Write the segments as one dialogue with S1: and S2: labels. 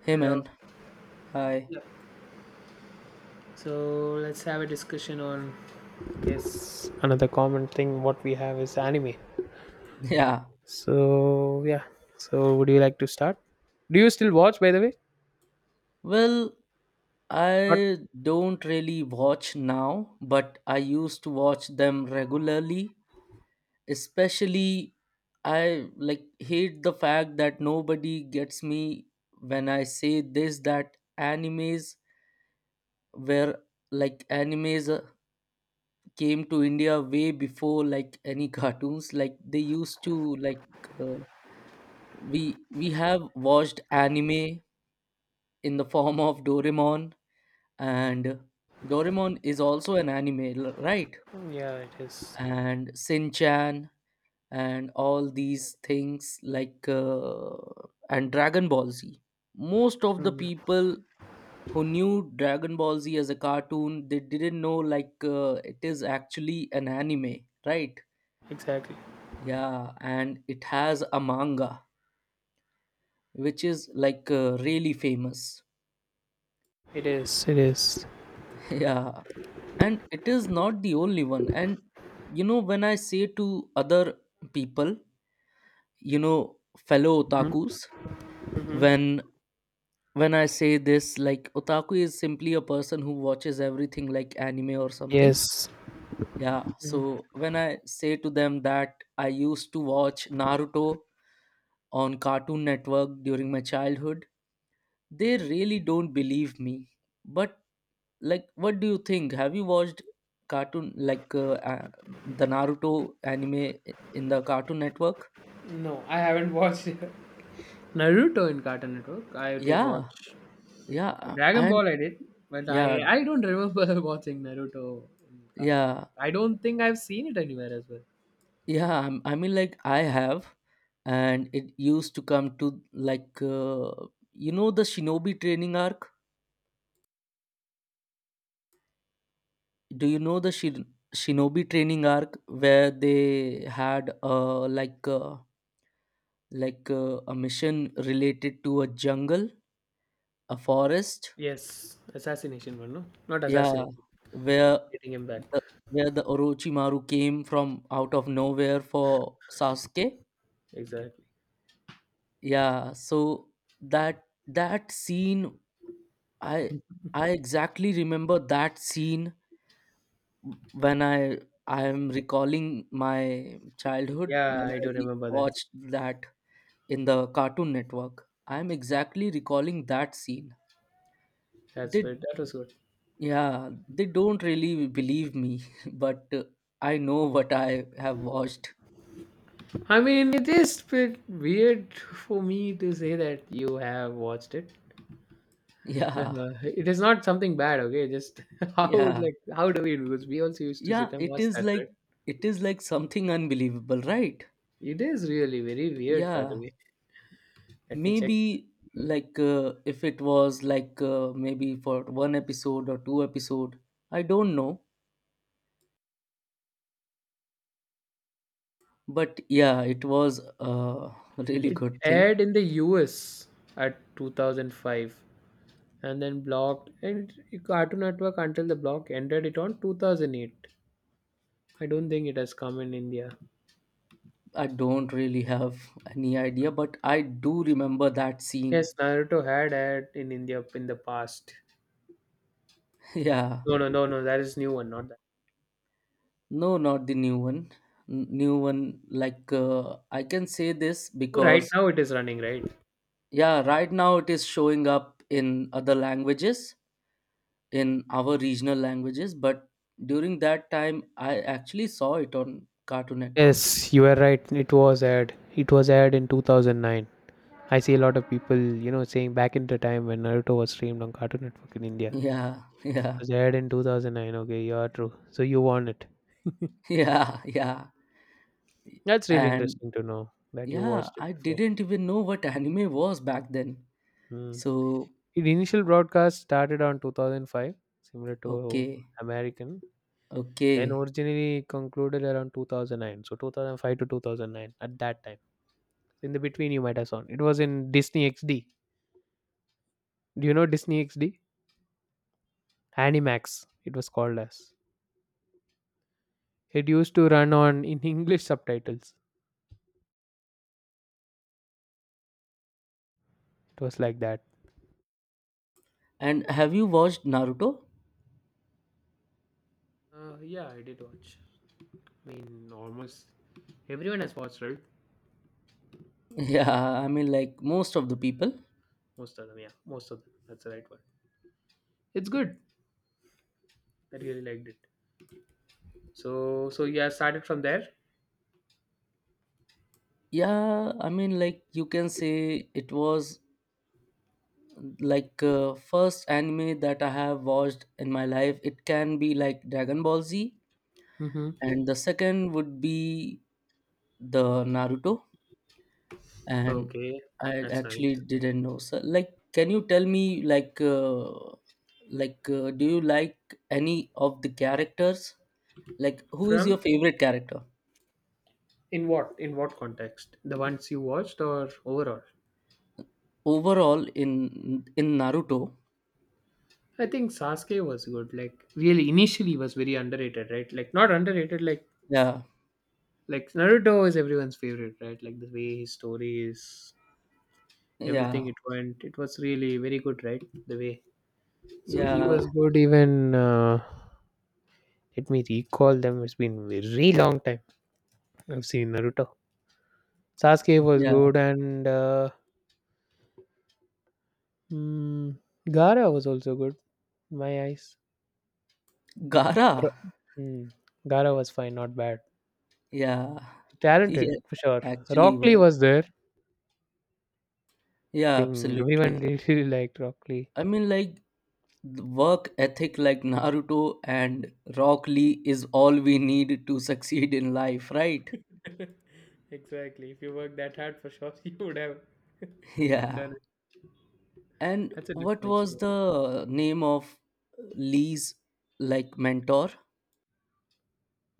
S1: Hey
S2: Hello.
S1: man, hi.
S2: Yeah. So let's have a discussion on. Yes, another common thing what we have is anime.
S1: Yeah,
S2: So yeah. So would you like to start? Do you still watch by the way?
S1: well,
S2: Not.
S1: I don't really watch now, but I used to watch them regularly. Especially, I like hate the fact that nobody gets me when I say this that animes where like animes came to India way before like any cartoons. Like they used to like uh, we have watched anime in the form of Doraemon and Doraemon is also an anime, right?
S2: Yeah, it is.
S1: And Shin-chan and all these things like and Dragon Ball Z. Most of the
S2: Mm.
S1: people who knew Dragon Ball Z as a cartoon, they didn't know like it is actually an anime, right?
S2: Exactly.
S1: Yeah, and it has a manga which is really famous.
S2: It is. It is.
S1: Yeah, and it is not the only one. And you know, when I say to other people, you know, fellow
S2: Mhm,
S1: otakus,
S2: mhm.
S1: when when I say this, like otaku is simply a person who watches everything like anime or something.
S2: Yes.
S1: Yeah,
S2: Mhm.
S1: so when I say to them that I used to watch Naruto on Cartoon Network during my childhood, they really don't believe me. But like what do you think, have you watched cartoon like the naruto anime in the cartoon network?
S2: No, I haven't watched Naruto in Cartoon Network. I did
S1: Yeah
S2: watch
S1: yeah
S2: Dragon
S1: and
S2: Ball. I did, but
S1: yeah
S2: I don't remember watching Naruto in Cartoon Network.
S1: yeah
S2: I don't think I've seen it anywhere as well.
S1: yeah I'm- I mean like I have. And it used to come to like, you know, the shinobi training arc. Do you know the shinobi training arc where they had a mission related to a jungle, a forest?
S2: Yes, assassination one, no? Not
S1: Yeah,
S2: assassination,
S1: where
S2: getting him back.
S1: the where the Orochimaru came from out of nowhere for Sasuke.
S2: Exactly.
S1: Yeah, so that scene, I I exactly remember that scene when I am recalling my childhood
S2: Yeah,
S1: when
S2: I do
S1: I
S2: remember that.
S1: watched that in the Cartoon Network. I am exactly recalling that scene.
S2: That's
S1: They
S2: good. That was good.
S1: Yeah, they don't really believe me, but I know what I have watched.
S2: I mean, it is bit weird for me to say that you have watched it.
S1: Yeah,
S2: Uh, it is not something bad, okay? Just how would,
S1: yeah,
S2: like how do we do? Because we also used to sit
S1: yeah.
S2: and watch that, right?
S1: It is like something unbelievable, right?
S2: It is really very weird, by the
S1: Yeah,
S2: way. Let me check.
S1: maybe if it was maybe for one episode or two episode, I don't know. But yeah, it was a really
S2: It
S1: good thing.
S2: aired in the US at 2005, and then blocked, and Cartoon Network until the block ended it on 2008. I don't think it has come in India.
S1: I don't really have any idea, but I do remember that scene.
S2: Yes, Naruto had in India in the past.
S1: Yeah,
S2: No, no, no, no. That is new one, not that.
S1: no, not the new one. New one, I can say this
S2: Oh, right
S1: because
S2: now it is running, right?
S1: yeah, right now it is showing up in other languages, in our regional languages, but during that time I actually saw it on Cartoon Network.
S2: Yes, you are right. It was aired. It was aired in 2009. I see a lot of people, you know, saying back in the time when Naruto was streamed on Cartoon Network in India.
S1: Yeah,
S2: It
S1: yeah,
S2: was aired in 2009. Okay, you are true. So you won it.
S1: yeah, yeah.
S2: That's really
S1: And
S2: interesting to know that you
S1: yeah,
S2: watched it
S1: I
S2: before.
S1: didn't even know what anime was back then.
S2: Hmm.
S1: So,
S2: Its initial broadcast started on 2005, similar to
S1: okay,
S2: American, then
S1: okay.
S2: originally concluded around 2009. So 2005 to 2009 at that time. So in the between, you might have seen it was in Disney XD. Do you know Disney XD? Animax, it was called as. It used to run on in English subtitles. It was like that.
S1: And have you watched Naruto?
S2: Yeah, I did watch. I mean, almost everyone has watched, right?
S1: Yeah, I mean, like most of the people.
S2: Most of them, yeah, most of them. That's the right one. It's good. I really liked it. So, yeah, started from there.
S1: Yeah, I mean, like you can say it was first anime that I have watched in my life. It can be like dragon ball z
S2: Mm-hmm.
S1: and the second would be the naruto, and
S2: Okay,
S1: I
S2: that's
S1: actually
S2: nice.
S1: didn't know. So like can you tell me do you like any of the characters, like who is your
S2: From
S1: favorite character
S2: in what context? The ones you watched or overall?
S1: overall in naruto?
S2: I think Sasuke was good. Like really, initially was very underrated, right? Like not underrated. Like
S1: Yeah,
S2: like Naruto is everyone's favorite, right? Like the way his story is,
S1: yeah,
S2: everything it went, it was really very good, right? The way. So he
S1: yeah,
S2: was good. Even let me recall them. It's been very long time I've seen Naruto. Sasuke was
S1: yeah,
S2: good, and mm, Gara was also good. My eyes.
S1: gara,
S2: Ro- Hmm. Gara was fine, not bad.
S1: yeah.
S2: Talented
S1: Yeah.
S2: for sure.
S1: Actually
S2: Rockley
S1: was
S2: was there.
S1: yeah,
S2: Thing everyone
S1: absolutely.
S2: really liked Rockley.
S1: I mean, like, the work ethic like Naruto and Rock Lee is all we need to succeed in life, right?
S2: Exactly. If you work that hard for sure, you would have
S1: Yeah.
S2: done it.
S1: And
S2: That's a
S1: what
S2: different
S1: was
S2: experience.
S1: the name of Lee's, like, mentor?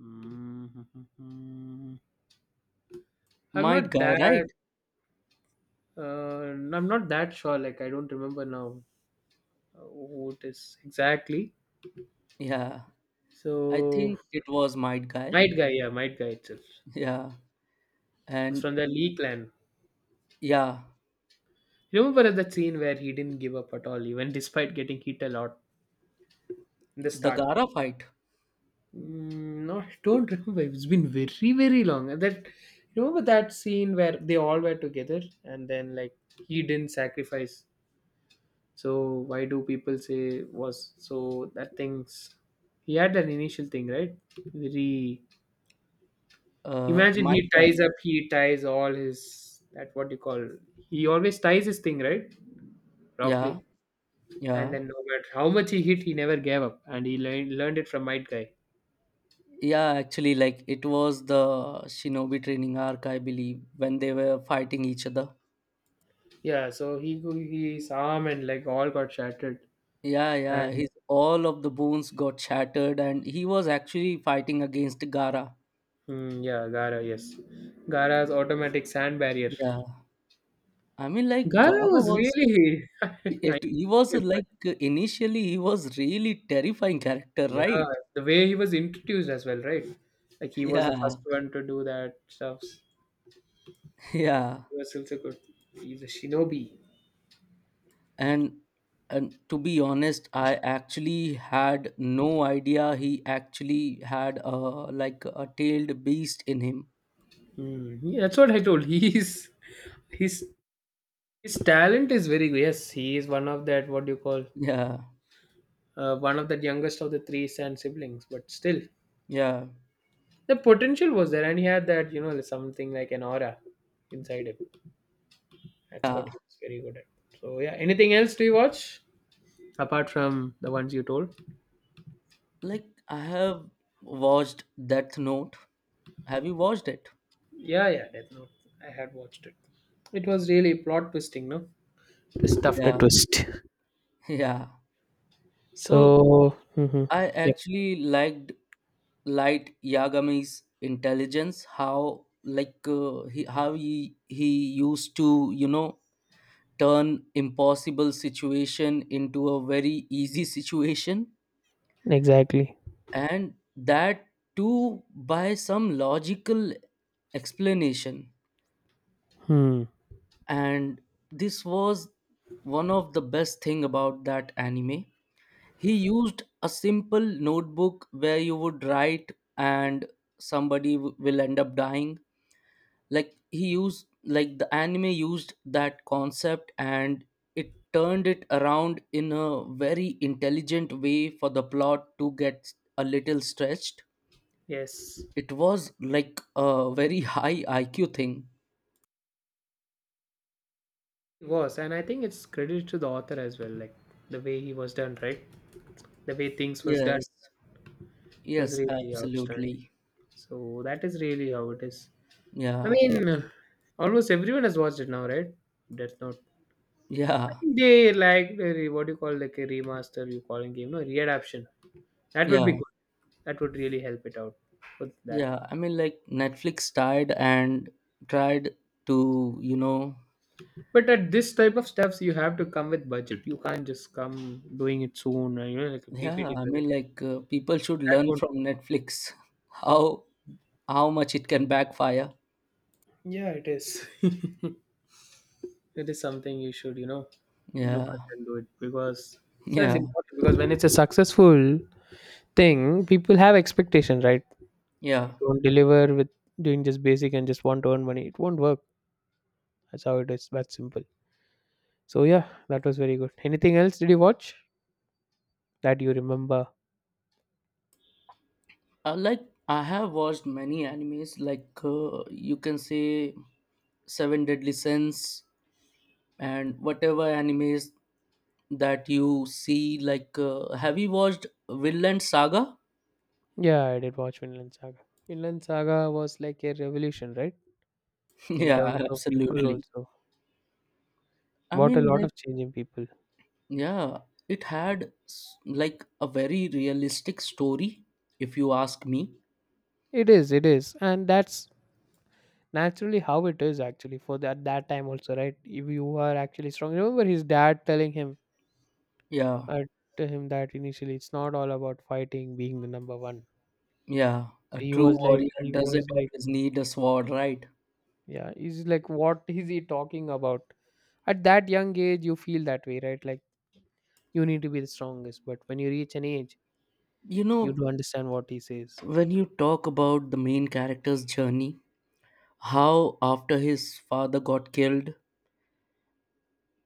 S2: Mm-hmm. I'm
S1: Might
S2: not
S1: Guy,
S2: that.
S1: right?
S2: I'm not that sure. Like I don't remember now who it is exactly.
S1: Yeah. I
S2: So
S1: think it was Might Guy.
S2: Might Guy, yeah, Might Guy itself. It
S1: Yeah.
S2: was
S1: And
S2: from the Lee clan.
S1: yeah,
S2: Remember that scene where he didn't give up at all, even despite getting hit a lot in the
S1: the
S2: start?
S1: Gara fight.
S2: Mm, no, I don't remember. It's been very, very long. And that remember that scene where they all were together, and then like he didn't sacrifice. So why do people say was so that things? He had an initial thing, right? Very. Imagine
S1: Might
S2: he
S1: Guy.
S2: ties up. He ties all his. That what you call. He always ties his thing, right? Properly.
S1: Yeah.
S2: And
S1: Yeah.
S2: then no matter how much he hit, he never gave up, and he learned it from Might Guy.
S1: Yeah, actually, like it was the Shinobi Training Arc, I believe, when they were fighting each other.
S2: Yeah, so he his arm and like all got shattered,
S1: Yeah, yeah,
S2: and
S1: his all of the bones got shattered, and he was actually fighting against Gara.
S2: yeah, Gara, yes, Gara's automatic sand barrier.
S1: Yeah, I mean, like
S2: Gara
S1: Gara
S2: was
S1: was
S2: really,
S1: it. He was like initially he was really terrifying character,
S2: yeah,
S1: right?
S2: the way he was introduced as well, right? Like he was the
S1: Yeah,
S2: first one to do that stuff. He
S1: yeah,
S2: was also good. He's a shinobi.
S1: and and to be honest, I actually had no idea he actually had a like a tailed beast in him.
S2: Mm, yeah, that's what I told. He's his his talent is very good. Yes, he is one of that. What do you call?
S1: Yeah,
S2: One of the youngest of the three son siblings, but still,
S1: yeah,
S2: the potential was there, and he had that, you know, something like an aura inside him. That's what
S1: yeah.
S2: he was very good at. So, yeah, anything else do you watch apart from the ones you told?
S1: Like I have watched Death Note. Have you watched it?
S2: Yeah, yeah, Death Note. I had watched it. It was really plot twisting, no? This after
S1: Yeah,
S2: twist.
S1: yeah. So
S2: So, mhm.
S1: I
S2: Yep,
S1: actually liked Yagami's intelligence. How like, he how he used to, you know, turn impossible situation into a very easy situation,
S2: exactly.
S1: and that too by some logical explanation.
S2: Hmm.
S1: And this was one of the best thing about that anime. He used a simple notebook where you would write and somebody will end up dying. Like he used, like the anime used that concept and it turned it around in a very intelligent way for the plot to get a little stretched.
S2: Yes,
S1: It was like a very high iq thing.
S2: it was, and I think it's credit to the author as well, like the way he was done, right? The way things was done.
S1: Yes,
S2: It was
S1: yes,
S2: really outstanding.
S1: absolutely,
S2: So that is really how it is. I
S1: yeah.
S2: mean, almost everyone has watched it now, right? That's not. I
S1: Yeah,
S2: think they like the what do you call like a remaster you calling game, no readaption. That would be
S1: yeah,
S2: good. That would really help it out with that.
S1: yeah. I mean, like Netflix tried and tried to, you know,
S2: But at this type of stuffs, you have to come with budget. You can't just come doing it soon, you know, like a
S1: yeah.
S2: PPT
S1: I mean,
S2: presentation.
S1: like, people should
S2: That
S1: learn
S2: won't.
S1: from Netflix how how much it can backfire.
S2: Yeah, it is. It is something you should, you know, look
S1: Yeah,
S2: at and do it, because it's as
S1: yeah,
S2: important, because when it's a successful thing, people have expectation, right?
S1: yeah.
S2: You don't deliver with doing just basic and just want to earn money, it won't work. That's how it is. That simple. So yeah, that was very good. Anything else did you watch that you remember?
S1: Like I have watched many animes, like, you can say Seven Deadly Sins and whatever animes that you see. Like, have you watched Vinland Saga?
S2: Yeah, I did watch Vinland Saga. Vinland Saga was like a revolution, right? In
S1: Yeah,
S2: terms of people
S1: absolutely.
S2: also,
S1: I
S2: what a
S1: mean,
S2: lot
S1: like.
S2: of change in people.
S1: Yeah, it had like a very realistic story, if you ask me.
S2: It is. It is. And that's naturally how it is actually for that time also, right? If you are actually strong, remember his dad telling him,
S1: Yeah,
S2: uh, to him, that initially it's not all about fighting being the number one.
S1: yeah,
S2: So
S1: a
S2: he
S1: true
S2: was like
S1: warrior
S2: he
S1: doesn't
S2: was like
S1: always need a sword, right?
S2: yeah, he's like, what is he talking about? At that young age you feel that way, right? Like, you need to be the strongest, but when you reach an age,
S1: You
S2: you
S1: know,
S2: do understand what he says.
S1: when you talk about the main character's journey, how after his father got killed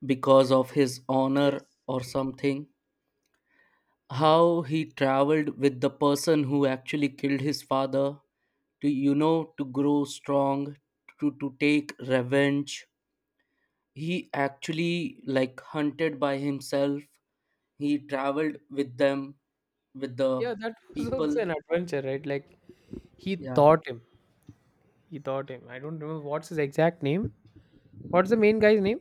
S1: because of his honor
S2: Yes.
S1: or something, how he traveled with the person who actually killed his father to, you know, to grow strong, to take revenge. He actually like hunted by himself, he traveled with them, with the
S2: Yeah, that was also
S1: people.
S2: an adventure, right? Like, he
S1: Yeah,
S2: taught him he taught him, I don't remember what's his exact name. What's the main guy's name?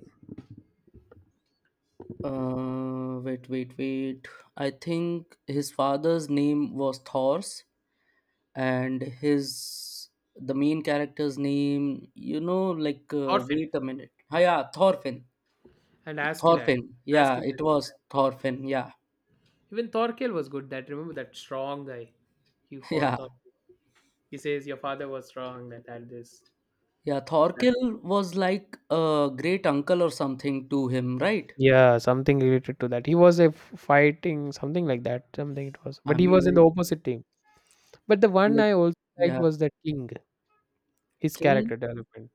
S1: wait wait wait, I think his father's name was Thors, and his, the main character's name, you know,
S2: Thorfinn.
S1: wait a minute. Ah, yeah, Thorfinn.
S2: And Askeladd.
S1: Thorfinn, yeah, it
S2: Askeladd, is it?
S1: was Thorfinn, yeah.
S2: Even Thorkel was good. That remember that strong guy. He fought
S1: Yeah,
S2: Thor. He says your father was strong. That had this.
S1: yeah,
S2: That.
S1: Thorkill was like a great uncle or something to him, right?
S2: Yeah, something related to that. He was fighting something like that. Something it was,
S1: I
S2: but he
S1: mean,
S2: was in the opposite team. But the one
S1: like,
S2: I also liked
S1: yeah,
S2: was the king. His
S1: King.
S2: character development.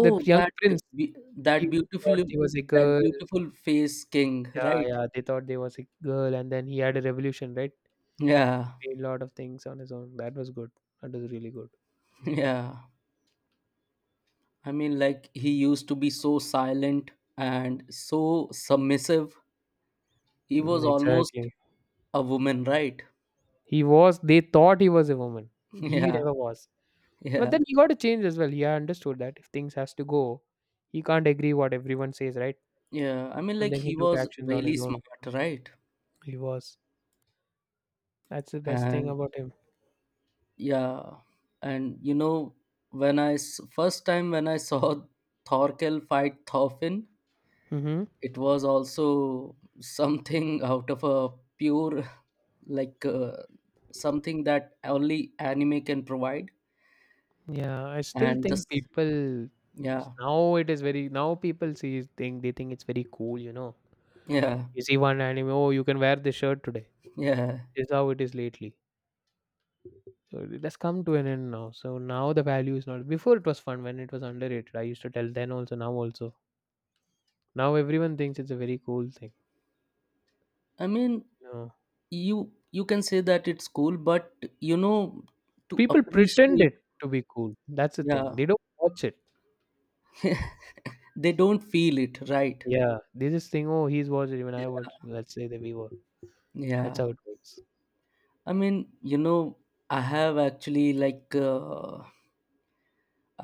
S2: That young
S1: that,
S2: prince.
S1: be
S2: He thought he was a
S1: that
S2: girl.
S1: beautiful face, King,
S2: Yeah,
S1: right?
S2: yeah. They thought they was a girl, and then he had a revolution. Right,
S1: Yeah,
S2: made a lot of things on his own. That was good. That was really good.
S1: yeah. I mean, like he used to be so silent and so submissive. He
S2: Mm,
S1: was almost
S2: exactly.
S1: a woman, right?
S2: He was they thought he was a woman. He
S1: Yeah,
S2: never was. But
S1: yeah,
S2: then he got to change as well. He understood that if things has to go, he can't agree what everyone says, right?
S1: yeah. I mean,
S2: And
S1: like
S2: then he
S1: he
S2: took
S1: was
S2: actions on
S1: really
S2: his own.
S1: smart, right?
S2: He was. That's the best thing
S1: And
S2: about him.
S1: yeah, and you know, when I first time when I saw Thorkel fight Thorfinn,
S2: Hmm.
S1: it was also something out of a pure like uh, something that only anime can provide.
S2: Yeah, I still
S1: And this
S2: think people
S1: yeah,
S2: now it is very, now people see think, they think it's very cool, you know.
S1: yeah,
S2: You see one anime, oh, you can wear this shirt today. This
S1: yeah.
S2: is how it is lately. So it has come to an end now. So now the value is not. Before it was fun when it was underrated. I used to tell then also. Now everyone thinks it's a very cool thing.
S1: I mean,
S2: No.
S1: you can say that it's cool, but you know, to
S2: People pretend
S1: appreciate,
S2: it to be cool. That's the thing.
S1: yeah,
S2: They don't watch it.
S1: they don't feel it, right?
S2: Yeah. They just think, oh, he's watched it. Even I watched
S1: Yeah,
S2: it." Let's say that we were. That's
S1: yeah.
S2: how it works.
S1: I mean, you know, I have actually like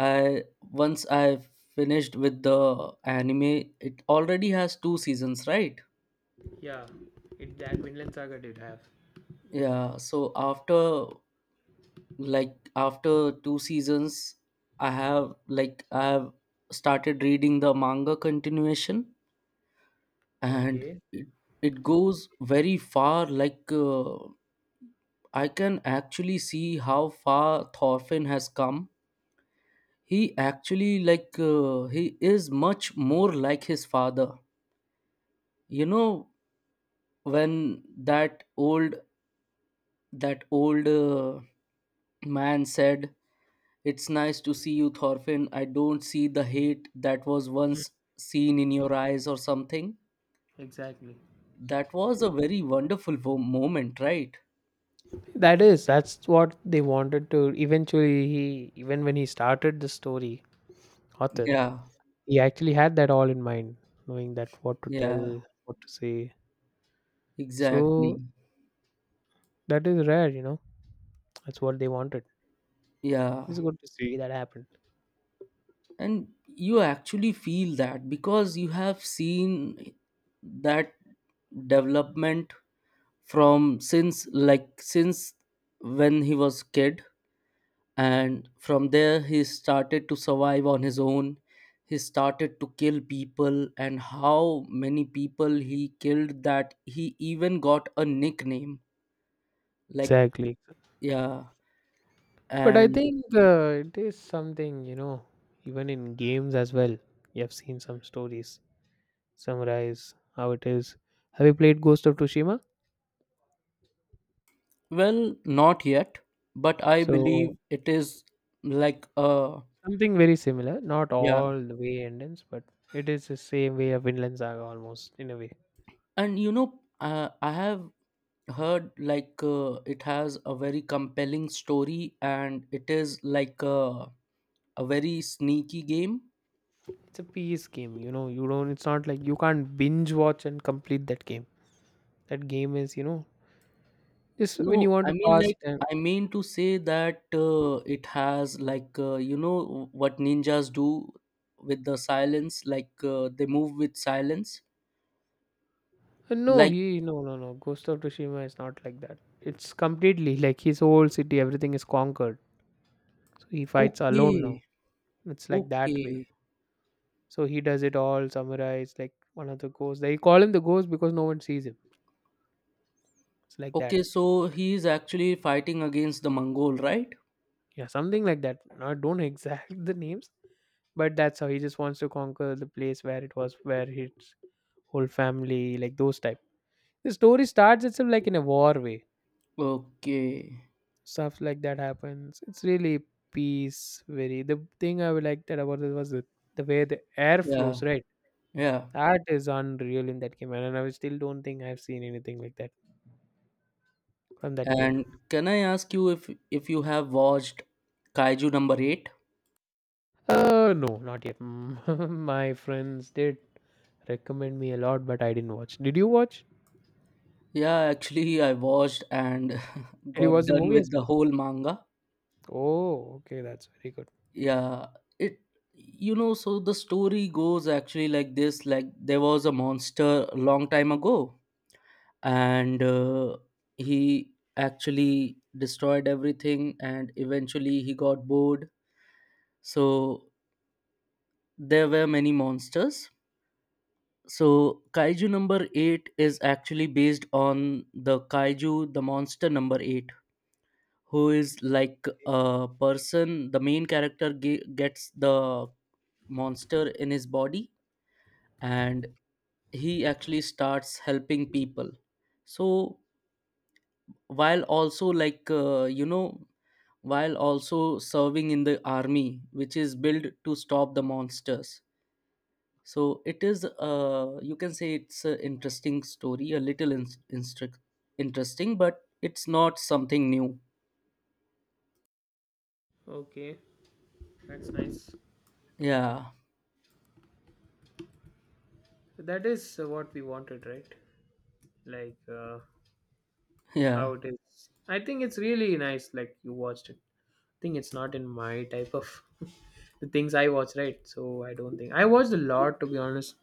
S1: I once I finished with the anime, it already has two seasons, right?
S2: Yeah, it, that Vinland Saga did have.
S1: Yeah, so after like after two seasons, I have like I have started reading the manga continuation, and
S2: Okay.
S1: it it goes very far. Like I can actually see how far Thorfinn has come. He actually he is much more like his father. You know, when that old that old man said, it's nice to see you Thorfinn, I don't see the hate that was
S2: Mm.
S1: once seen in your eyes or something.
S2: Exactly.
S1: That was a very wonderful moment, right?
S2: That is. That's what they wanted to. Eventually, he even when he started the story, author,
S1: Yeah,
S2: he actually had that all in mind, knowing that what to
S1: yeah,
S2: tell, what to say.
S1: exactly,
S2: So that is rare, you know. That's what they wanted.
S1: yeah.
S2: It's good to see that happen.
S1: And you actually feel that because you have seen that development from since when he was kid, and from there he started to survive on his own. He started to kill people, and how many people he killed that he even got a nickname, like,
S2: Exactly.
S1: yeah.
S2: But I
S1: And
S2: think it is something, you know, even in games as well, you have seen some stories summarize how it is. Have you played Ghost of Tsushima?
S1: well, not yet, but I
S2: So,
S1: believe it is like uh
S2: something very similar, not
S1: yeah.
S2: all the way endings, but it is the same way of Vinland Saga almost in a way.
S1: And you know, I have heard it has a very compelling story, and it is a very sneaky game.
S2: It's a piece game, you know, you don't, it's not like you can't binge watch and complete that game. That game is, you know, just when you
S1: No,
S2: want
S1: I
S2: to
S1: mean
S2: pass
S1: like
S2: time.
S1: I mean to say that it has you know what ninjas do with the silence, they move with silence.
S2: No,
S1: Like
S2: he no no no. Ghost of Tsushima is not like that. It's completely like his whole city, everything is conquered. So he fights
S1: okay,
S2: alone now. It's like that
S1: okay,
S2: way. So he does it all. Samurai is like one of the ghosts. They call him the ghost because no one sees him. It's like that.
S1: okay. So he is actually fighting against the Mongol, right?
S2: Yeah, something like that. I don't know exact the names, but that's how he just wants to conquer the place where it was, where his whole family, like those type. The story starts itself like in a war way,
S1: Okay,
S2: stuff like that happens. It's really peace. Very, the thing I would like that about it was the, way the air
S1: yeah,
S2: flows, right?
S1: yeah.
S2: That is unreal in that game, and I still don't think I've seen anything like that from that game.
S1: And can I ask you if you have watched Kaiju number eight?
S2: No, not yet. Mm. My friends did recommend me a lot, but I didn't watch did you watch
S1: Yeah, actually I watched and
S2: did you watch
S1: got
S2: the
S1: done
S2: movie as
S1: with
S2: well?
S1: the whole manga.
S2: Oh, okay, that's very good.
S1: Yeah, it, you know, so the story goes actually like this. Like there was a monster a long time ago, and he actually destroyed everything and eventually he got bored. So there were many monsters. So kaiju number 8 is actually based on the kaiju, the monster number 8, who is like a person. The main character gets the monster in his body, and he actually starts helping people. So while also you know, while also serving in the army which is built to stop the monsters. So it is you can say it's an interesting story, a little instru- interesting, but it's not something new.
S2: Okay, that's nice.
S1: Yeah,
S2: That is what we wanted, right? Like
S1: yeah,
S2: how it is. I think it's really nice like you watched it. Think it's not in my type of the things I watch, right? So I don't think I watched a lot, to be honest.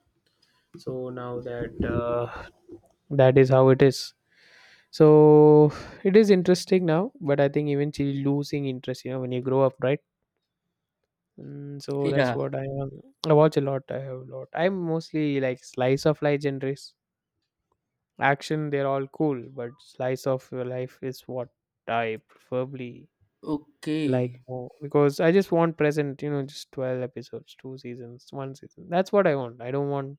S2: So now that that is how it is. So it is interesting now, but I think eventually losing interest, you know, when you grow up, right? So that's
S1: yeah,
S2: what I am. I watch a lot. I have a lot. I'm mostly like slice of life genres. Action, they're all cool, but slice of your life is what I preferably like
S1: okay.
S2: more because I just want present, you know, just 12 episodes, two seasons, one season. That's what I want. I don't want,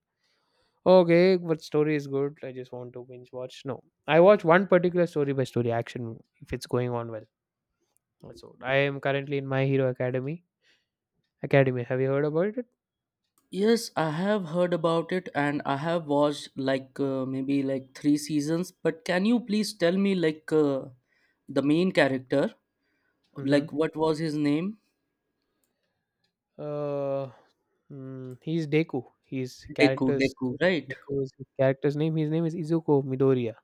S2: "Oh, okay, but story is good. I just want to binge watch. No, I watch one particular story by story action if it's going on well. That's all. I am currently in My Hero Academy. Academy, have you heard about it?
S1: Yes, I have heard about it and I have watched like, maybe like three seasons. But can you please tell me the main character?
S2: Mm-hmm.
S1: Like what was his name?
S2: Uh, he's Deku. His
S1: Deku,
S2: character's
S1: Deku, right?
S2: Deku is his character's name. His name is Izuku Midoriya,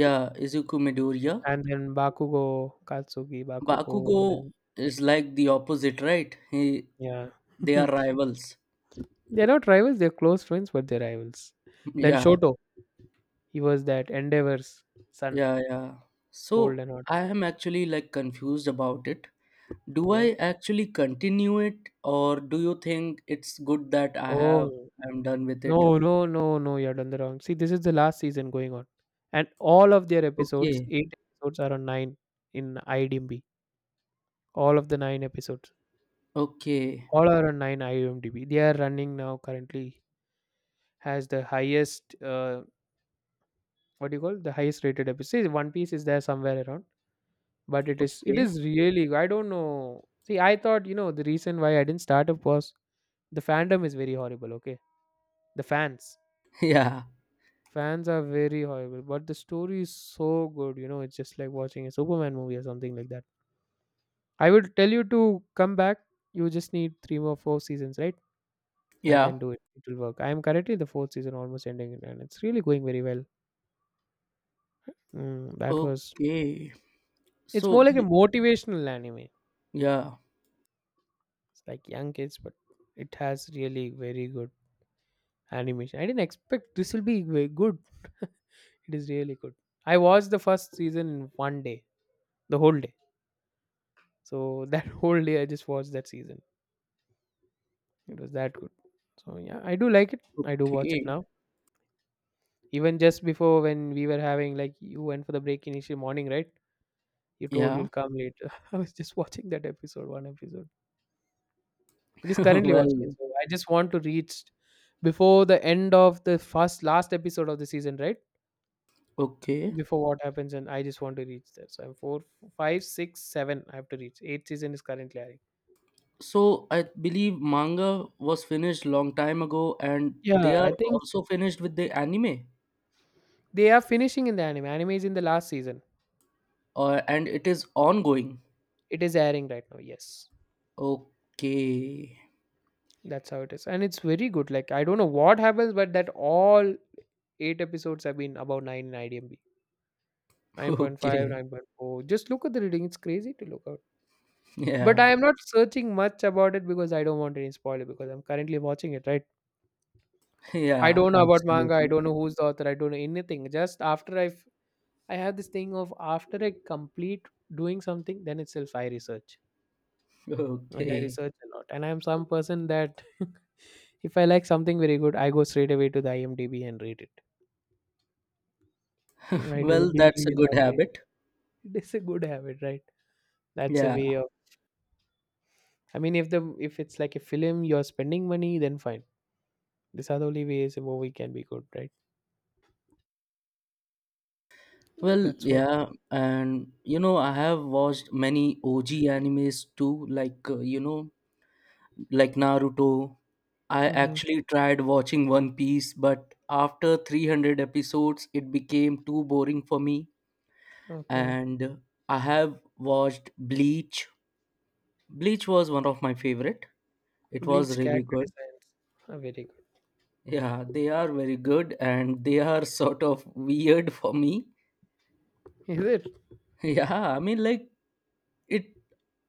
S1: Yeah, Izuku Midoriya.
S2: and then Bakugo, Katsuki Bakugo, and
S1: Bakugo
S2: then
S1: is like the opposite, right? He,
S2: yeah.
S1: they are rivals.
S2: They're not rivals, they're close friends, but they're rivals. Then
S1: Yeah,
S2: Shoto, he was that Endeavor's son,
S1: yeah, yeah.
S2: cold
S1: So
S2: and hot.
S1: I am actually like confused about it. Do I
S2: Okay.
S1: actually continue it or do you think it's good that
S2: Oh,
S1: I'm done with it?
S2: no, no, no, no, you're done the wrong. See, this is the last season going on. And all of their episodes,
S1: Okay.
S2: eight episodes, are on nine in IMDb. All of the nine episodes,
S1: Okay.
S2: all are on nine IMDb. They are running now currently, has the highest, what do you call it? The highest rated episode. See, One Piece is there somewhere around. But it is it
S1: Okay.
S2: is really, I don't know. See, I thought, you know, the reason why I didn't start up was the fandom is very horrible, okay? The fans.
S1: Yeah.
S2: Fans are very horrible, but the story is so good, you know, it's just like watching a Superman movie or something like that. I would tell you to come back. You just need three more four seasons, right? And then
S1: Yeah.
S2: do it. It will work. I am currently the fourth season almost ending and it's really going very well. That was,
S1: Okay.
S2: it's more
S1: So
S2: like a
S1: b-
S2: motivational anime.
S1: yeah.
S2: It's like young kids, but it has really very good animation. I didn't expect this will be good. It is really good. I watched the first season in one day, the whole day. So that whole day I just watched that season. It was that good. So yeah, I do like it. I do watch it
S1: Okay.
S2: now. Even just before when we were having like you went for the break initial morning, right? You told
S1: Yeah.
S2: you'll come later. I was just watching that episode, one episode. Just currently watching it.
S1: Well,
S2: So I just want to reach before the end of the first last episode of the season, right?
S1: okay.
S2: Before what happens, and I just want to reach there. So I'm 4, 5, 6, 7 I have to reach eighth season. Is currently airing.
S1: So I believe manga was finished long time ago and
S2: Yeah,
S1: they are
S2: I think so.
S1: also finished with the anime
S2: They are finishing in the anime. Anime is in the last season.
S1: or and it is ongoing.
S2: It is airing right now, yes.
S1: Okay.
S2: That's how it is, and it's very good. Like I don't know what happens, but that all eight episodes have been about 9 in idmb, 9.5.
S1: Okay.
S2: Just look at the reading, it's crazy to look out. But
S1: Yeah.
S2: I am not searching much about it because I don't want any spoiler because I'm currently watching it, right? I
S1: Yeah,
S2: don't know about manga. I
S1: absolutely.
S2: don't know who's the author. I don't know anything. Just after I have this thing of after I complete doing something, then itself I research. And I
S1: Okay.
S2: research a lot. And I'm some person that if I like something very good, I go straight away to the IMDb and read it. I do
S1: Well, that's
S2: believe
S1: a
S2: in
S1: good
S2: that way.
S1: habit.
S2: It is a good habit, right? That's a
S1: Yeah.
S2: way of. I mean, if it's like a film, you're spending money, then fine. These are the only ways a movie can be good, right?
S1: Well,
S2: That's what.
S1: yeah. And, you know, I have watched many OG animes too, like, you know, like Naruto. I
S2: Mm-hmm.
S1: actually tried watching One Piece, but after 300 episodes, it became too boring for me.
S2: Okay.
S1: And I have watched Bleach. Bleach was one of my favorite. It
S2: Bleach
S1: was really
S2: character
S1: good.
S2: designs are very good.
S1: Yeah, they are very good and they are sort of weird for me.
S2: Is it?
S1: Yeah, I mean, like, it,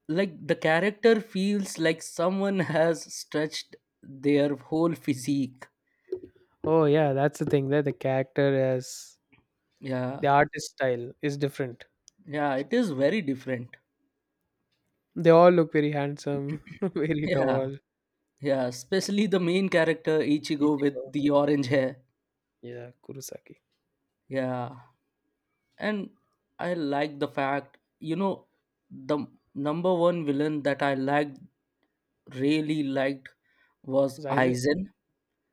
S1: like, the character feels like someone has stretched their whole physique.
S2: Oh yeah, that's the thing that the character has. The
S1: Yeah,
S2: artist style is different.
S1: yeah, it is very different.
S2: They all look very handsome, very
S1: Yeah,
S2: tall.
S1: yeah, especially the main character, Ichigo, with
S2: Ichigo.
S1: the orange hair.
S2: Yeah, Kurosaki.
S1: Yeah, and I like the fact, you know, the number one villain that I liked, really liked, was
S2: Aizen.
S1: Aizen.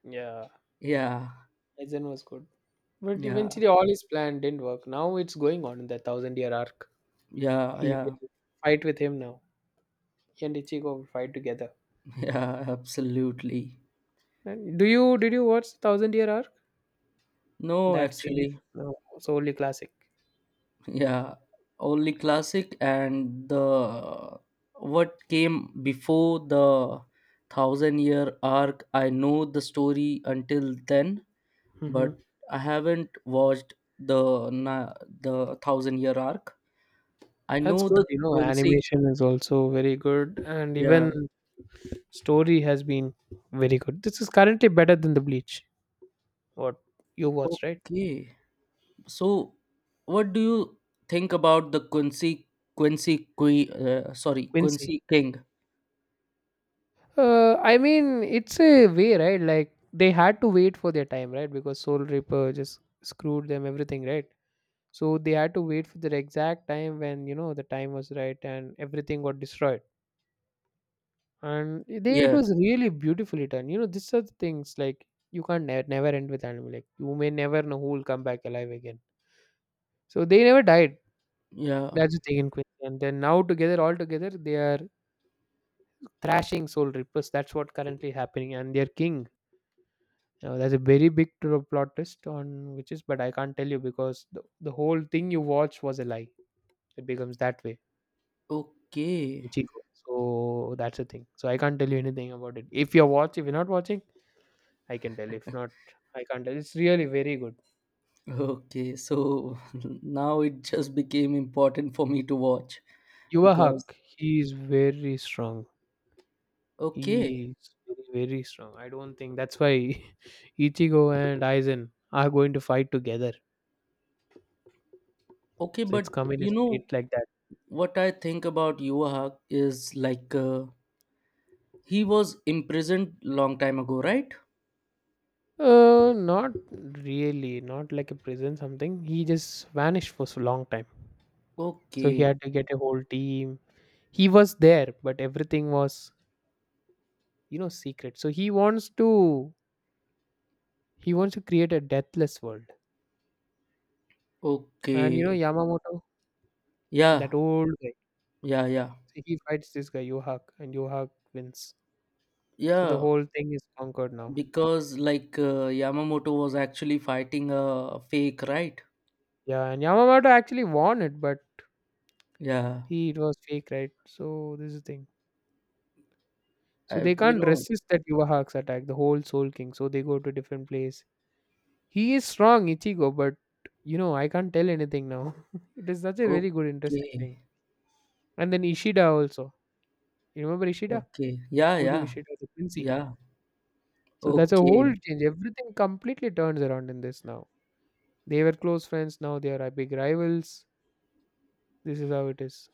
S2: Yeah,
S1: Yeah,
S2: Aizen was good. But
S1: yeah,
S2: eventually all his plan didn't work. Now it's going on in the thousand year arc.
S1: yeah,
S2: He
S1: yeah,
S2: will fight with him now. He and Ichigo will fight together.
S1: yeah, absolutely.
S2: And do you did you watch Thousand Year Arc?
S1: No,
S2: That series?
S1: actually,
S2: No. It's only classic.
S1: yeah, only classic and the what came before the thousand year arc. I know the story until then,
S2: Hmm.
S1: but I haven't watched the thousand year arc. I
S2: That's
S1: know
S2: good.
S1: the
S2: You know,
S1: Quincy.
S2: animation is also very good, and
S1: Yeah,
S2: even story has been very good. This is currently better than the Bleach. What you watched, right,
S1: okay. So, what do you think about the Quincy Queen? Sorry,
S2: Quincy?
S1: Quincy King.
S2: I mean, it's a way, right? Like they had to wait for their time, right? Because Soul Reaper just screwed them everything, right? So they had to wait for the exact time when you know the time was right and everything got destroyed. And they, it
S1: Yeah.
S2: was really beautifully done, you know. These are the things like you can't never end with anime. Like you may never know who will come back alive again, so they never died.
S1: Yeah.
S2: That's the thing in Quincy. And then now together all together they are thrashing soul rippers. That's what currently happening, and their king now, that's a very big plot twist. On which is, but I can't tell you because the whole thing you watched was a lie. It becomes that way.
S1: Okay.
S2: Ichigo. So that's the thing. So I can't tell you anything about it. If you're watching, if you're not watching, I can tell. If not, I can't tell. It's really very good.
S1: Okay, so now it just became important for me to watch
S2: Yuva
S1: because
S2: Haq, he is very strong.
S1: okay,
S2: He is very, very strong. I don't think that's why Ichigo and Aizen are going to fight together.
S1: okay,
S2: So
S1: but
S2: it's come in a
S1: you
S2: state
S1: know
S2: like that.
S1: what I think about Yuha is like he was imprisoned long time ago, right?
S2: Not really. Not like a prison something. He just vanished for a long time. So he
S1: Okay,
S2: had to get a whole team. He was there, but everything was, you know, secret. So he wants to create a deathless world. And you know,
S1: okay,
S2: Yamamoto.
S1: yeah,
S2: That old guy.
S1: yeah, yeah,
S2: So he fights this guy, Yohak, and Yohak wins. So the
S1: yeah,
S2: whole thing is conquered now.
S1: because like Yamamoto was actually fighting a fake, right?
S2: Yeah, and Yamamoto actually won it, but
S1: Yeah,
S2: he it was fake, right? So this is the thing. So they
S1: you
S2: can't
S1: know,
S2: resist that Yohak's attack, the whole Soul King. So they go to different place. He is strong, Ichigo, but you know, I can't tell anything now. It is such a very good, interesting
S1: okay,
S2: thing. And then Ishida also. You remember Ishida?
S1: okay, yeah,
S2: Uryu
S1: yeah,
S2: Ishida, the Quincy.
S1: yeah,
S2: So that's a whole
S1: okay.
S2: change. Everything completely turns around in this now. They were close friends. Now they are big rivals. This is how it is.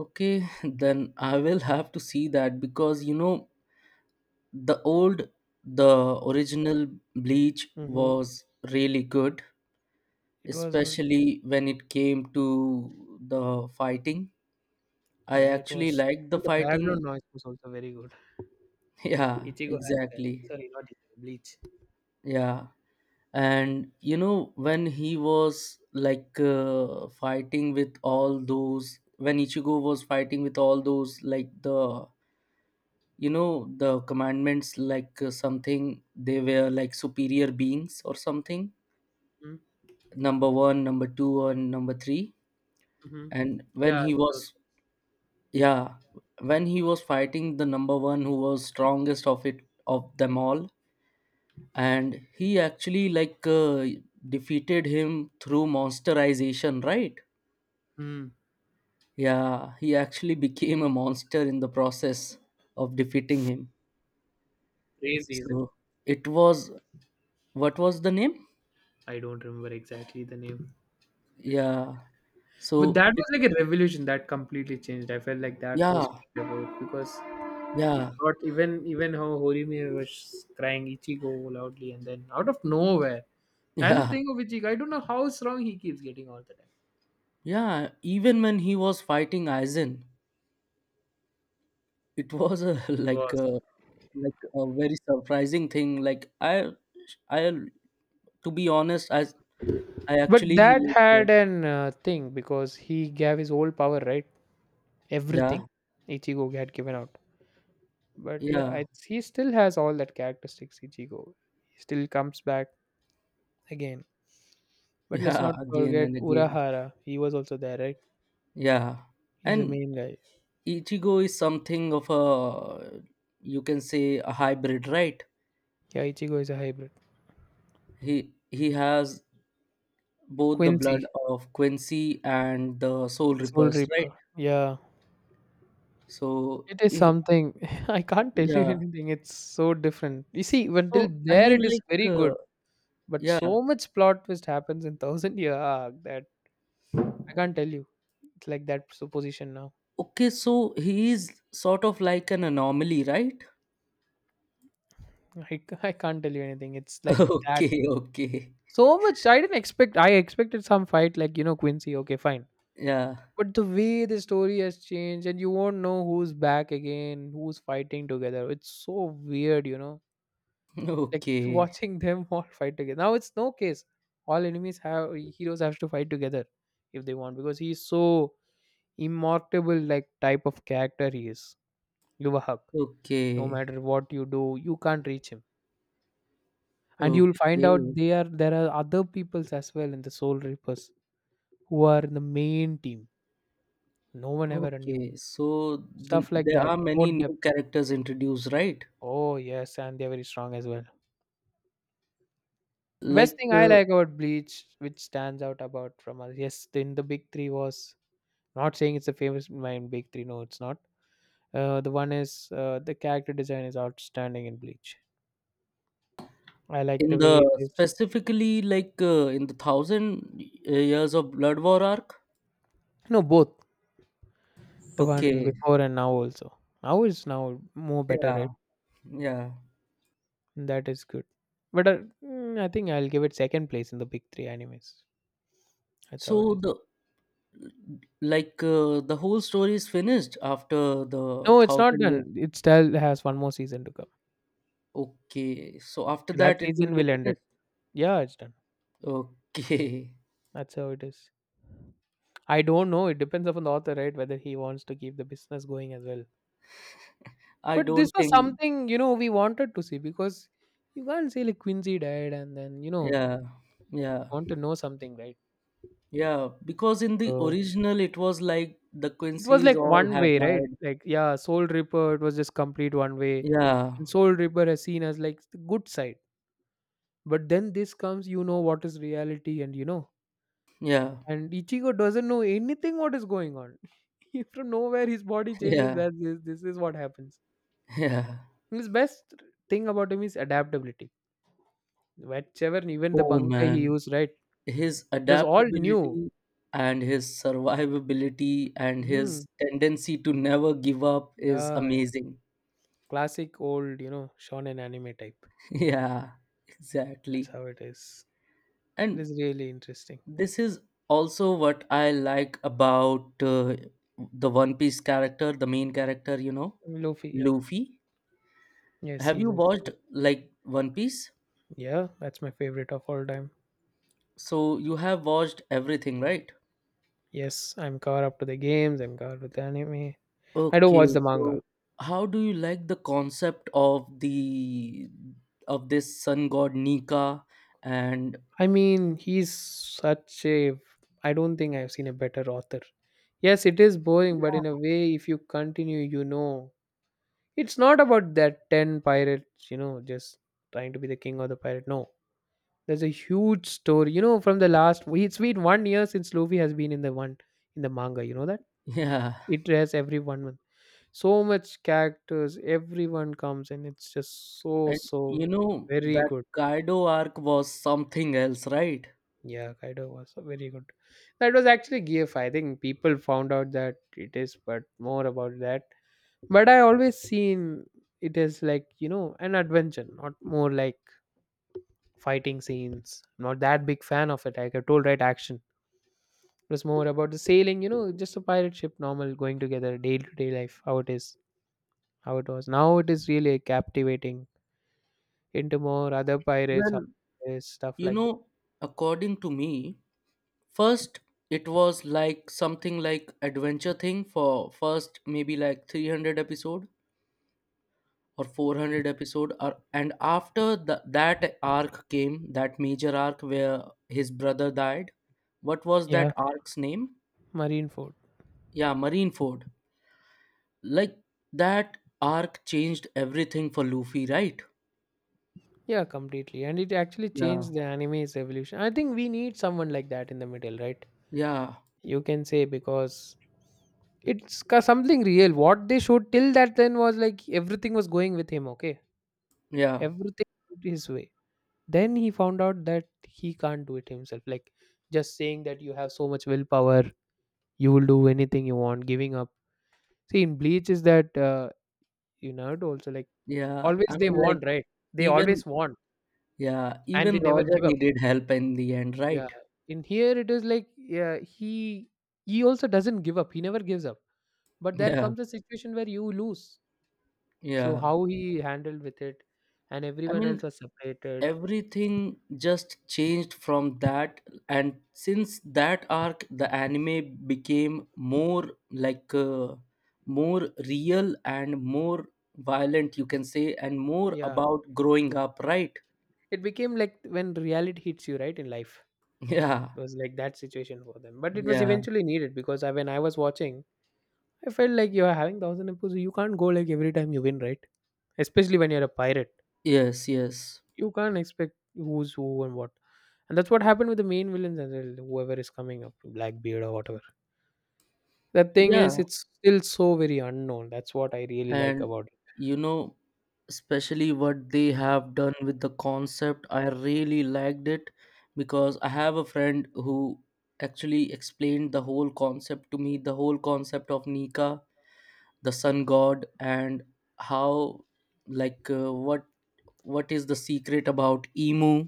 S1: Okay, then I will have to see that because you know the old the original Bleach
S2: Mm-hmm.
S1: was really good,
S2: It was good.
S1: especially when it came to the fighting. I
S2: Yeah, it
S1: actually
S2: was.
S1: liked the
S2: And the background
S1: fighting.
S2: noise was also very good.
S1: Yeah,
S2: Ichigo has that.
S1: exactly.
S2: Sorry, not Ichigo. Bleach.
S1: Yeah. And you know when he was like fighting with all those when Ichigo was fighting with all those like the you know the commandments like something they were like superior beings or something number 1 number 2 and number 3
S2: Mm-hmm.
S1: and when
S2: Yeah,
S1: he
S2: it was
S1: was yeah when he was fighting the number 1 who was strongest of them all and he actually like defeated him through monsterization, right?
S2: mm,
S1: Yeah, he actually became a monster in the process of defeating him.
S2: crazy, isn't it?
S1: So it was, what was the name?
S2: I don't remember exactly the name.
S1: yeah
S2: But
S1: So
S2: that
S1: it,
S2: was like a revolution that completely changed. I felt like that was
S1: yeah,
S2: about because it
S1: yeah,
S2: got even how Horimiya was crying Ichigo loudly, and then out of nowhere, that's the
S1: yeah,
S2: thing of Ichigo. I don't know how strong he keeps getting all the time.
S1: yeah. Even when he was fighting Aizen, it was a
S2: It was.
S1: like a very surprising thing. Like I to be honest, I
S2: But
S1: actually
S2: that
S1: like
S2: had an thing because he gave his whole power, right?
S1: yeah,
S2: Everything Ichigo had given out. But yeah,
S1: yeah,
S2: he still has all that characteristics, Ichigo. He still comes back again. But let's
S1: yeah.
S2: not
S1: Again
S2: forget
S1: and again,
S2: Urahara. He was also there, right?
S1: yeah.
S2: He's the
S1: And
S2: main guy.
S1: Ichigo is something of a you can say a hybrid, right?
S2: Yeah, Ichigo is a hybrid.
S1: He has both the
S2: Quincy,
S1: blood of Quincy and the Soul
S2: Soul
S1: Reapers, right?
S2: Reaper. Yeah.
S1: So
S2: It is something. I can't tell you
S1: yeah,
S2: anything. It's so different. You see, until
S1: so I
S2: there
S1: mean,
S2: it is
S1: like,
S2: very
S1: uh,
S2: good, but
S1: yeah,
S2: so much plot twist happens in Thousand Year Arc that I can't tell you. It's like that supposition now.
S1: okay. So he is sort of like an anomaly, right?
S2: I, I can't tell you anything. It's like that.
S1: Okay, okay,
S2: So much. I didn't expect. I expected some fight, like, you know, Quincy. Okay, fine.
S1: yeah,
S2: But the way the story has changed, and you won't know who's back again, who's fighting together. It's so weird, you know, like
S1: okay,
S2: watching them all fight together. Now it's no case. All enemies have heroes have to fight together if they want because he's so immortable like type of character he is. Give a hug. No
S1: okay,
S2: matter what you do, you can't reach him. And you'll find out
S1: okay,
S2: they are there are other peoples as well in the Soul Reapers who are in the main team. No one ever knew.
S1: okay. So then
S2: Stuff like
S1: there
S2: that.
S1: are
S2: More
S1: many
S2: depth.
S1: new characters introduced, right?
S2: Oh yes, and they're very strong as well. The best
S1: Like
S2: thing I like about Bleach, which stands out about from us, yes, in the big three was. Not saying it's a famous mind big three. No, it's not. The one is the character design is outstanding in Bleach. I like the
S1: in the
S2: way it is.
S1: specifically, like in the thousand years of Blood War arc.
S2: No, both the one
S1: Okay,
S2: before and now also. Now is now more better,
S1: yeah,
S2: right?
S1: yeah.
S2: That is good. But I think I'll give it second place in the big three animes. That's how it
S1: So
S2: is.
S1: the whole story is finished after the
S2: No, it's not
S1: thousand years,
S2: done. It still has one more season to come.
S1: okay, so after
S2: That
S1: that it will
S2: season
S1: be
S2: will end it.
S1: finished,
S2: Yeah, it's done.
S1: okay.
S2: That's how it is. I don't know. It depends upon the author, right? Whether he wants to keep the business going as well.
S1: I
S2: But this
S1: don't
S2: was
S1: think,
S2: something, we wanted to see because you can't say like Quincy died and then,
S1: yeah, yeah,
S2: want to know something, right?
S1: yeah, because in the
S2: So
S1: original it was like the
S2: it was
S1: Quincy's
S2: like
S1: all
S2: one
S1: have
S2: way, right?
S1: died,
S2: Like, yeah, Soul Reaper, it was just complete one way.
S1: yeah,
S2: And Soul Reaper has seen as like the good side. But then this comes, you know what is reality, and you know.
S1: yeah,
S2: And Ichigo doesn't know anything what is going on. From nowhere his body changes.
S1: yeah,
S2: That this is what happens.
S1: yeah.
S2: His best thing about him is adaptability. Whichever even the
S1: Oh
S2: bunkai he
S1: man,
S2: used, right? It
S1: his
S2: was all new.
S1: adaptability and his survivability and
S2: Mm.
S1: his tendency to never give up is
S2: Yeah, yeah.
S1: amazing.
S2: Classic old, shonen anime type.
S1: Yeah,
S2: That's
S1: exactly.
S2: how it is. It
S1: And
S2: is really interesting.
S1: this is also what I like about the One Piece character, the main character, you know,
S2: Luffy, yeah.
S1: Luffy.
S2: Yes,
S1: Have
S2: he's
S1: you
S2: also.
S1: watched like One Piece?
S2: Yeah, that's my favorite of all time.
S1: So you have watched everything, right?
S2: Yes, I'm caught up to the games, I'm caught up with the anime. I don't watch
S1: Okay,
S2: the manga.
S1: so how do you like the concept of the of this sun god Nika and
S2: I mean, he's such a. I don't think I've seen a better author. Yes, it is boring, but in a
S1: yeah,
S2: way, if you continue, you know. It's not about that 10 pirates, just trying to be the king or the pirate. No. There's a huge story, from the last. It's been one year since Luffy has been in the one in the manga. You know that
S1: yeah.
S2: it has every one month. So much characters, everyone comes, and it's just so
S1: And you
S2: so
S1: know
S2: very
S1: that
S2: good.
S1: Kaido arc was something else, right?
S2: Yeah, Kaido was very good. That was actually GF. I think people found out that it is, but more about that. But I always seen it as like an adventure, not more like fighting scenes. Not that big fan of it. Like I told, right? Action. It was more about the sailing, just a pirate ship, normal going together, day to day life, how it is, how it was. Now it is really captivating into more other pirates, how
S1: Well,
S2: it is, stuff
S1: you
S2: like
S1: know, according to me, first it was like something like adventure thing for first maybe like 300 episode or
S2: that. Mm.
S1: 400 episode or, and after that arc came that major arc where his brother died, what was
S2: Yeah,
S1: that arc's name?
S2: Marine Ford.
S1: Yeah, Marineford. Like that arc changed everything for Luffy, right?
S2: Yeah, completely. And it actually
S1: Yeah,
S2: changed the anime's evolution. I think we need someone like that in the middle, right?
S1: yeah,
S2: You can say because it's something real. What they showed till that then was like everything was going with him, okay?
S1: yeah,
S2: Everything went his way. Then he found out that he can't do it himself, like just saying that you have so much willpower, you will do anything you want giving up. See, in bleach is that you know also like
S1: yeah, I
S2: always they
S1: mean like,
S2: want, right? They
S1: even
S2: always want,
S1: yeah,
S2: and
S1: even
S2: they never
S1: Roger
S2: give up,
S1: needed help in the end,
S2: yeah.
S1: right?
S2: In here it is like, yeah, he also doesn't give up, he never gives up. But there
S1: Yeah,
S2: comes a situation where you lose, so
S1: yeah.
S2: how he handled with it, and
S1: I
S2: everyone else
S1: mean,
S2: was separated,
S1: everything just changed from that. And since that arc, the anime became more like more real and more violent, you can say, and more
S2: yeah.
S1: about growing up, right?
S2: It became like when reality hits you right in life.
S1: Yeah,
S2: It was like that situation for them. But it was
S1: yeah.
S2: eventually needed because I, when I was watching, I felt like you are having 1,000 episodes. You can't go like every time you win, right? Especially when you're a pirate.
S1: Yes, yes.
S2: You can't expect who's who and what. And that's what happened with the main villains as well, whoever is coming up, Blackbeard or whatever. The thing
S1: Yeah.
S2: is, it's still so very unknown. That's what I really like
S1: And
S2: about it.
S1: you know especially what they have done with the concept I really liked it, because I have a friend who actually explained the whole concept to me, the whole concept of Nika the sun god, and how, like, what is the secret about Emu,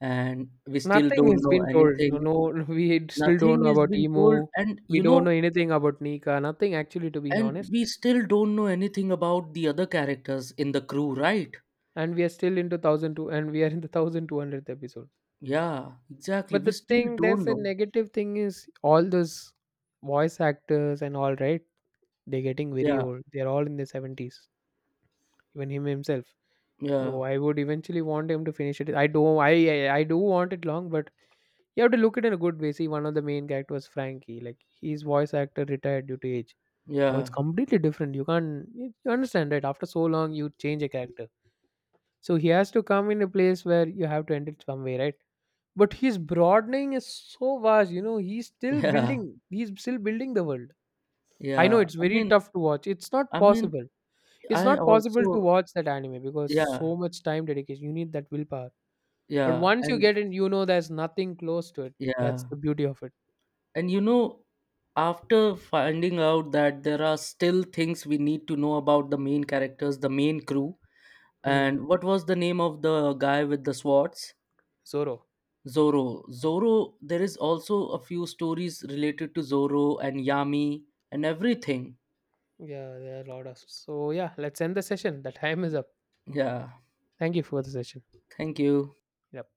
S1: and we still
S2: Nothing
S1: don't
S2: has
S1: know
S2: been told. No,
S1: anything.
S2: no, we still don't
S1: Nothing
S2: know
S1: is
S2: about
S1: being told.
S2: Emu.
S1: And
S2: We
S1: you
S2: don't know
S1: know,
S2: anything about Nika. Nothing actually, to be
S1: and
S2: honest.
S1: we still don't know anything about the other characters in the crew, right?
S2: And we are still into 1,002, and we are in the 1,200th episode.
S1: Yeah, exactly.
S2: But
S1: We
S2: the
S1: still
S2: thing,
S1: don't
S2: there's a
S1: know.
S2: negative thing is all those voice actors and all right. They're getting very
S1: Yeah,
S2: old. They're all in their 70s. Even him himself.
S1: yeah,
S2: So I would eventually want him to finish it. I do. I do want it long, but you have to look at it in a good way. See, one of the main characters, Frankie. Like his voice actor retired due to age. Now it's
S1: yeah,
S2: completely different. You can't, you understand, right? After so long, you change a character, so he has to come in a place where you have to end it some way, right? But his broadening is so vast. You know, he's still
S1: yeah,
S2: building. He's still building the world. I know
S1: yeah.
S2: it's
S1: I
S2: very
S1: mean,
S2: tough to watch. It's not
S1: I mean,
S2: possible. It's
S1: I
S2: not possible to
S1: also,
S2: watch that anime because
S1: yeah,
S2: so much time dedication. You need that willpower. But
S1: yeah,
S2: once you
S1: and
S2: get in, you know there's nothing close to it. That's
S1: yeah,
S2: the beauty of it.
S1: and you know, after finding out that there are still things we need to know about the main characters, the main crew,
S2: Hmm.
S1: and what was the name of the guy with the swords?
S2: Zoro.
S1: Zoro. Zoro, there is also a few stories related to Zoro and Yami and everything.
S2: Yeah, there are a lot of. So yeah, let's end the session. The time is up.
S1: Yeah,
S2: Thank you for the session.
S1: thank you.
S2: Yep.